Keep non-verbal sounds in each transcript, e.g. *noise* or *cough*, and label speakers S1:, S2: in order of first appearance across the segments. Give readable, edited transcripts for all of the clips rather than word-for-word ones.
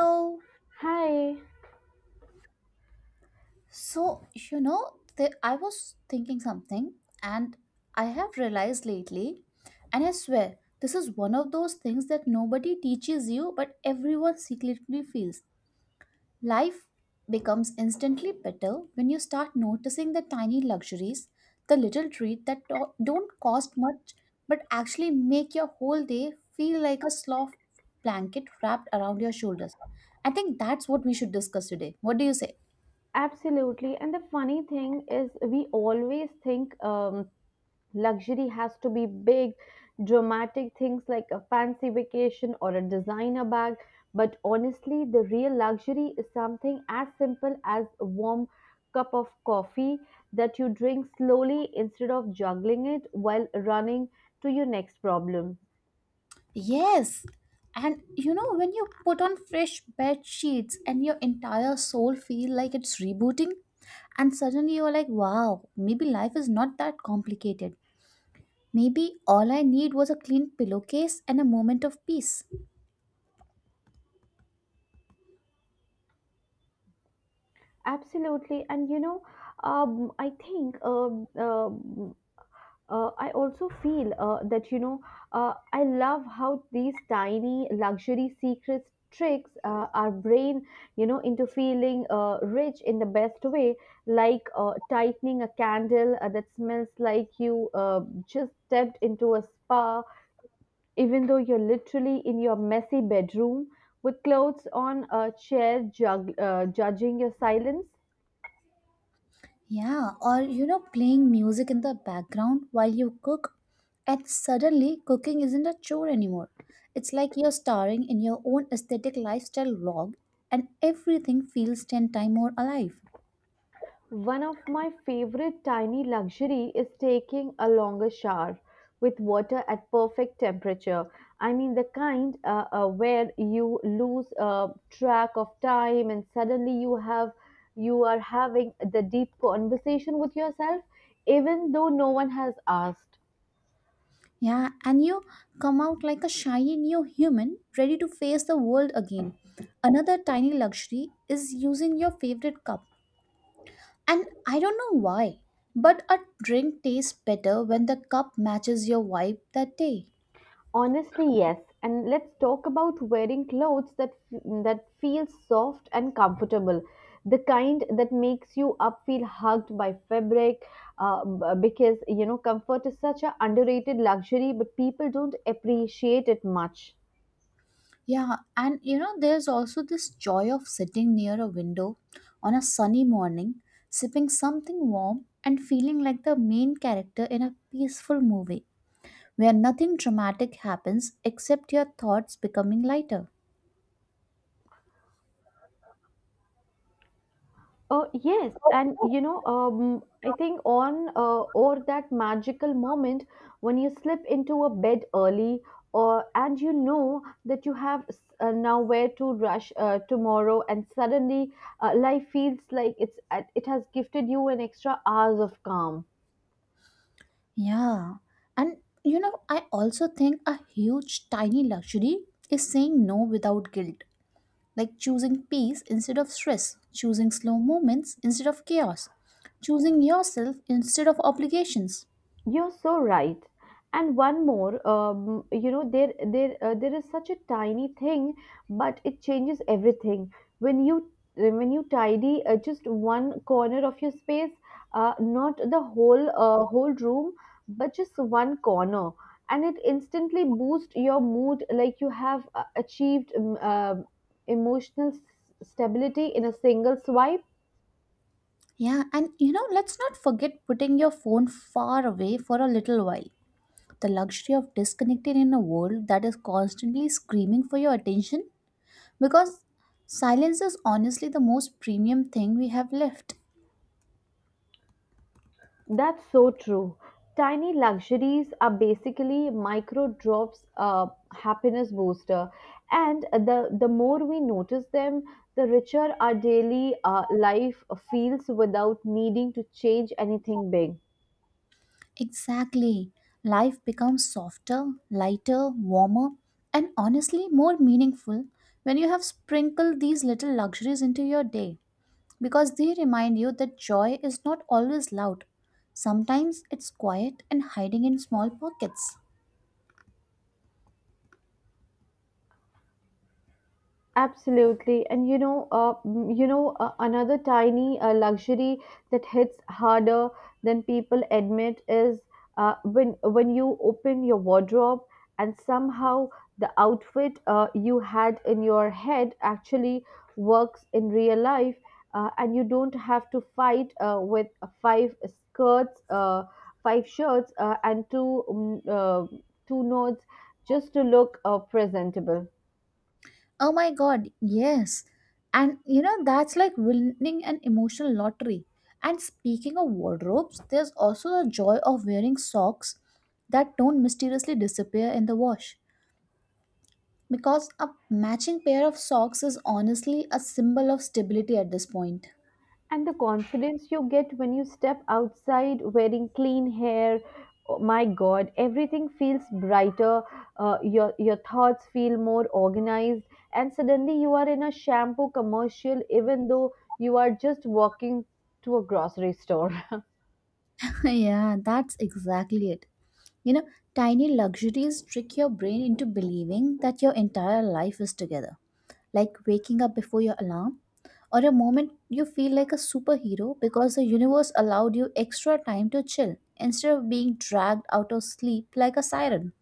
S1: So,
S2: Hi,
S1: so, I was thinking something. And I have realized lately, and I swear, this is one of those things that nobody teaches you, but everyone secretly feels. Life becomes instantly better when you start noticing the tiny luxuries, the little treat that don't cost much, but actually make your whole day feel like a soft blanket wrapped around your shoulders. I think that's what we should discuss today. What do you say?
S2: absolutely. And the funny thing is, we always think luxury has to be big, dramatic things like a fancy vacation or a designer bag. But honestly, the real luxury is something as simple as a warm cup of coffee that you drink slowly instead of juggling it while running to your next problem.
S1: Yes. And when you put on fresh bed sheets and your entire soul feel like it's rebooting, and suddenly you're like, wow, maybe life is not that complicated. Maybe all I need was a clean pillowcase and a moment of peace.
S2: Absolutely. And you know, I think uh, I also feel that you know I love how these tiny luxury secrets tricks our brain you know into feeling rich in the best way like tightening a candle that smells like you just stepped into a spa even though you're literally in your messy bedroom with clothes on a chair judging your silence.
S1: Yeah, or playing music in the background while you cook, and suddenly cooking isn't a chore anymore. It's like you're starring in your own aesthetic lifestyle vlog, and everything feels 10 times more alive.
S2: One of my favorite tiny luxury is taking a longer shower with water at perfect temperature. I mean the kind where you lose track of time, and suddenly you are having the deep conversation with yourself even though no one has asked.
S1: Yeah, and you come out like a shiny new human ready to face the world again. Another tiny luxury is using your favorite cup. And I don't know why, but a drink tastes better when the cup matches your vibe that day.
S2: Honestly, yes. And let's talk about wearing clothes that that feels soft and comfortable, the kind that makes you up feel hugged by fabric, because you know comfort is such a underrated luxury, but people don't appreciate it much.
S1: Yeah, and there's also this joy of sitting near a window on a sunny morning, sipping something warm and feeling like the main character in a peaceful movie where nothing dramatic happens except your thoughts becoming lighter.
S2: Yes, and you know, I think on or that magical moment when you slip into a bed early, or and you know that you have now where to rush tomorrow, and suddenly life feels like it's it has gifted you an extra hours of calm.
S1: Yeah. And I also think a huge tiny luxury is saying no without guilt, like choosing peace instead of stress, choosing slow moments instead of chaos, choosing yourself instead of obligations.
S2: You're so right. And one more, you know, there is such a tiny thing, but it changes everything. When you tidy just one corner of your space, not the whole room, but just one corner, and it instantly boosts your mood, like you have achieved emotional stability in a single swipe.
S1: Yeah, and let's not forget putting your phone far away for a little while. The luxury of disconnecting in a world that is constantly screaming for your attention because silence is honestly the most premium thing we have left.
S2: That's so true. Tiny luxuries are basically micro drops, happiness booster, and the more we notice them, the richer our daily life feels without needing to change anything big.
S1: Exactly. Life becomes softer, lighter, warmer, and honestly more meaningful when you have sprinkled these little luxuries into your day because they remind you that joy is not always loud. Sometimes it's quiet and hiding in small pockets.
S2: Absolutely, and you know, you know, another tiny luxury that hits harder than people admit is uh, when you open your wardrobe and somehow the outfit you had in your head actually works in real life, and you don't have to fight with five skirts, five shirts, and two nodes just to look presentable.
S1: Oh my god, yes. And that's like winning an emotional lottery. And speaking of wardrobes, there's also the joy of wearing socks that don't mysteriously disappear in the wash. Because a matching pair of socks is honestly a symbol of stability at this point.
S2: And the confidence you get when you step outside wearing clean hair, oh my God, everything feels brighter. Your thoughts feel more organized, and suddenly you are in a shampoo commercial, even though you are just walking to a grocery store. *laughs*
S1: *laughs* Yeah, that's exactly it. You know, Tiny luxuries trick your brain into believing that your entire life is together. Like waking up before your alarm, or a moment you feel like a superhero because the universe allowed you extra time to chill instead of being dragged out of sleep like a siren.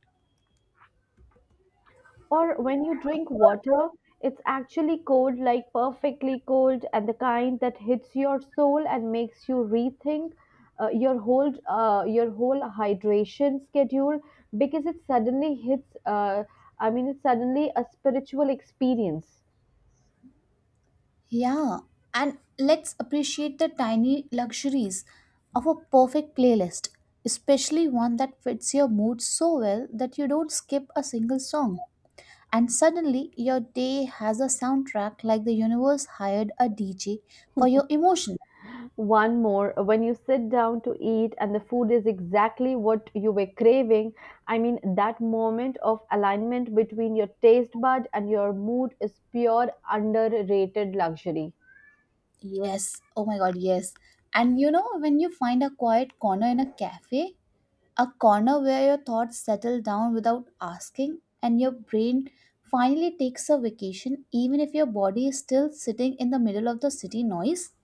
S2: Or when you drink water, it's actually cold, like perfectly cold, and the kind that hits your soul and makes you rethink your whole hydration schedule because it suddenly hits. I mean, it's suddenly a spiritual experience.
S1: Yeah, and let's appreciate the tiny luxuries of a perfect playlist, especially one that fits your mood so well that you don't skip a single song. And suddenly, your day has a soundtrack like the universe hired a DJ for your emotion.
S2: One more, when you sit down to eat and the food is exactly what you were craving, I mean, that moment of alignment between your taste bud and your mood is pure underrated luxury.
S1: Yes, oh my god, yes. And when you find a quiet corner in a cafe, a corner where your thoughts settle down without asking and your brain finally takes a vacation even if your body is still sitting in the middle of the city noise.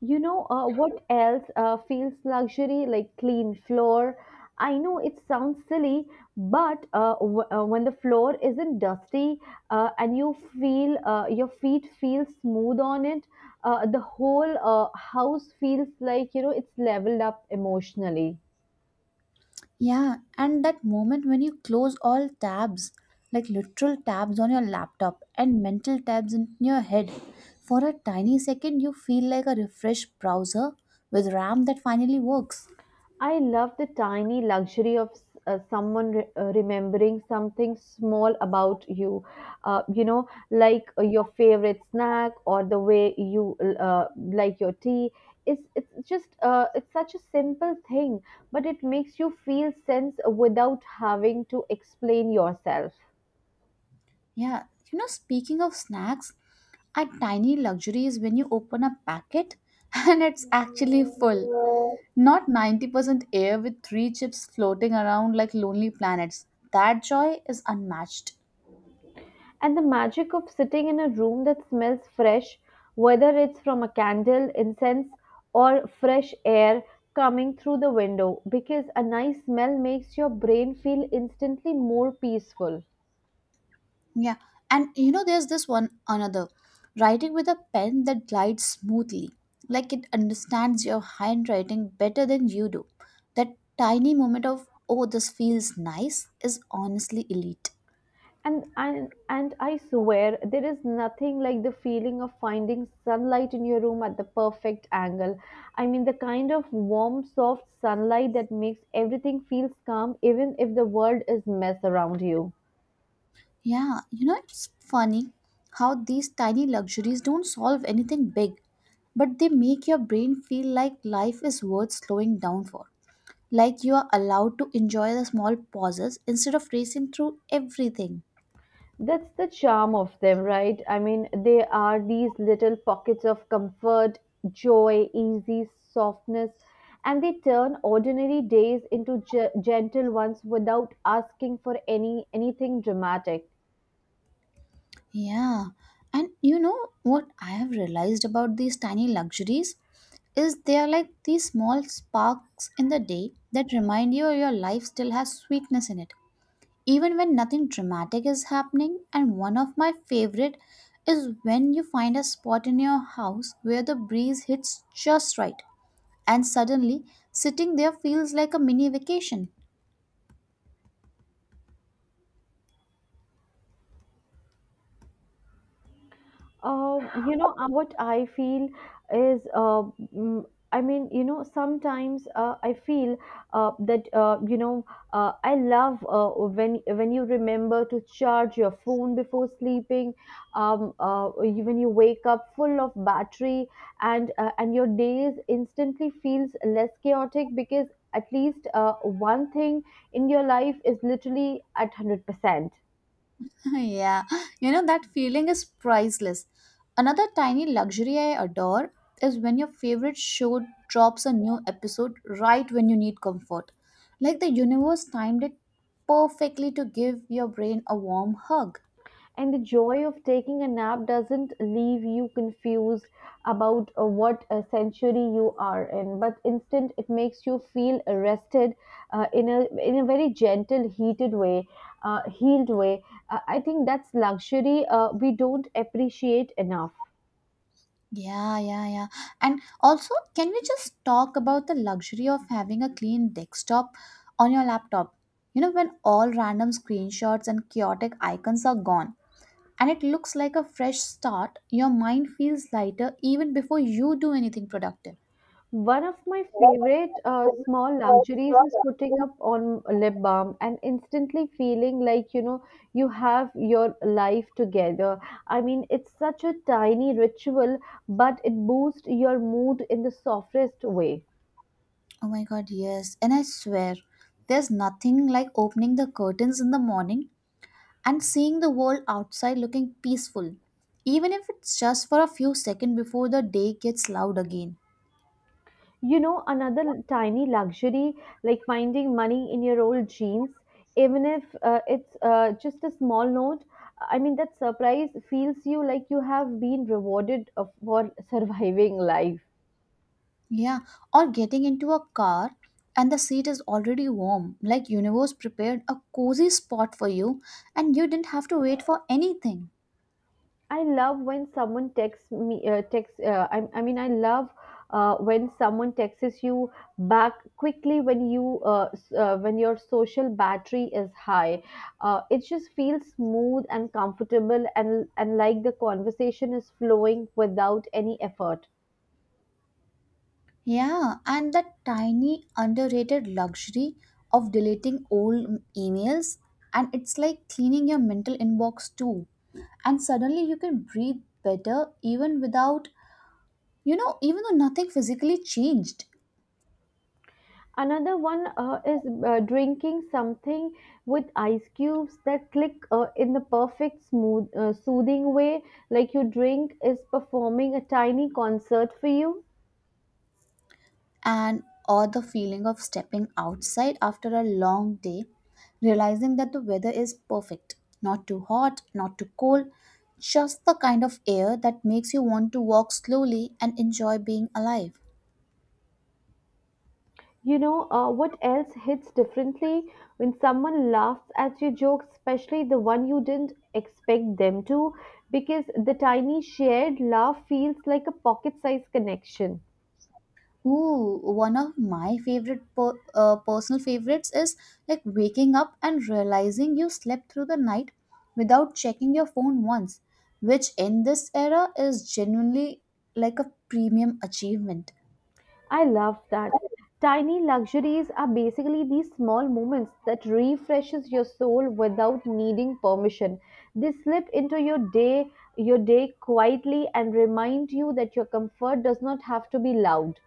S2: You know what else feels luxury like clean floor? I know it sounds silly, but when the floor isn't dusty and you feel your feet feel smooth on it, the whole house feels like you know it's leveled up emotionally.
S1: Yeah, and that moment when you close all tabs, like literal tabs on your laptop and mental tabs in your head, for a tiny second you feel like a refreshed browser with ram that finally works.
S2: I love the tiny luxury of remembering something small about you, you know, like your favorite snack or the way you like your tea. It's just it's such a simple thing, but it makes you feel sense without having to explain yourself.
S1: Yeah, speaking of snacks, a tiny luxury is when you open a packet *laughs* and it's actually full. Not 90% air with three chips floating around like lonely planets. That joy is unmatched.
S2: And the magic of sitting in a room that smells fresh, whether it's from a candle, incense, or fresh air coming through the window, because a nice smell makes your brain feel instantly more peaceful.
S1: Yeah, and there's this one another, writing with a pen that glides smoothly, like it understands your handwriting better than you do. That tiny moment of, oh, this feels nice, is honestly elite.
S2: And I swear there is nothing like the feeling of finding sunlight in your room at the perfect angle. I mean the kind of warm, soft sunlight that makes everything feels calm even if the world is mess around you.
S1: Yeah, it's funny how these tiny luxuries don't solve anything big, but they make your brain feel like life is worth slowing down for. Like you are allowed to enjoy the small pauses instead of racing through everything.
S2: That's the charm of them, right? I mean, they are these little pockets of comfort, joy, easy softness, and they turn ordinary days into gentle ones without asking for any anything dramatic.
S1: Yeah, and you know what I have realized about these tiny luxuries? Is they are like these small sparks in the day that remind you your life still has sweetness in it, even when nothing dramatic is happening. And one of my favorite is when you find a spot in your house where the breeze hits just right and suddenly sitting there feels like a mini vacation.
S2: You know what I feel is, mm, I mean, you know, sometimes I feel that you know I love uh, when you remember to charge your phone before sleeping, when you wake up full of battery, and your days instantly feels less chaotic because at least one thing in your life is literally at 100%.
S1: *laughs* Yeah, that feeling is priceless. Another tiny luxury I adore is when your favorite show drops a new episode right when you need comfort, like the universe timed it perfectly to give your brain a warm hug.
S2: And the joy of taking a nap doesn't leave you confused about what century you are in, but instead it makes you feel rested uh, in a very healed way. I think that's luxury we don't appreciate enough.
S1: Yeah, yeah, yeah. And also, can we just talk about the luxury of having a clean desktop on your laptop? When all random screenshots and chaotic icons are gone and it looks like a fresh start, your mind feels lighter even before you do anything productive.
S2: One of my favorite
S1: Oh
S2: small luxuries is putting up on lip balm and instantly feeling like you know you have your life together. I mean, it's such a tiny ritual, but it boosts your mood in the softest way.
S1: my god, yes. And I swear, there's nothing like opening the curtains in the morning and seeing the world outside looking peaceful, even if it's just for a few seconds before the day gets loud again.
S2: You know, another tiny luxury like finding money in your old jeans, even if it's just a small note. I mean, that surprise feels you like you have been rewarded for *laughs* surviving life.
S1: Yeah, or getting into a car and the seat is already warm, like universe prepared a cozy spot for you and you didn't have to wait for anything.
S2: I love when someone texts me, texts, I mean, I love when someone texts you back quickly when you, when your social battery is high. It just feels smooth and comfortable and like the conversation is flowing without any effort.
S1: Yeah, and that tiny underrated luxury of deleting old emails, and it's like cleaning your mental inbox too, and suddenly you can breathe better even without, you know, even though nothing physically changed.
S2: Another one is drinking something with ice cubes that click in the perfect, smooth, soothing way, like your drink is performing a tiny concert for you.
S1: And or the feeling of stepping outside after a long day, realizing that the weather is perfect, not too hot, not too cold, just the kind of air that makes you want to walk slowly and enjoy being alive.
S2: You know what else hits differently when someone laughs at your joke, especially the one you didn't expect them to, because the tiny shared laugh feels like a pocket-sized connection.
S1: Ooh, one of my favorite personal favorites is like waking up and realizing you slept through the night without checking your phone once, which in this era is genuinely like a premium achievement.
S2: I love that. Tiny luxuries are basically these small moments that refreshes your soul without needing permission. They slip into your day quietly and remind you that your comfort does not have to be loud.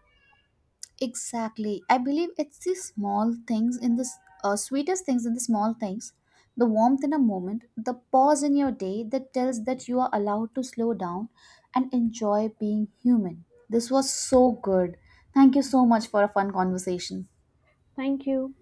S1: Exactly. I believe it's the small things in the sweetest things in the small things, the warmth in a moment, the pause in your day that tells that you are allowed to slow down and enjoy being human. This was so good. Thank you so much for a fun conversation.
S2: Thank you.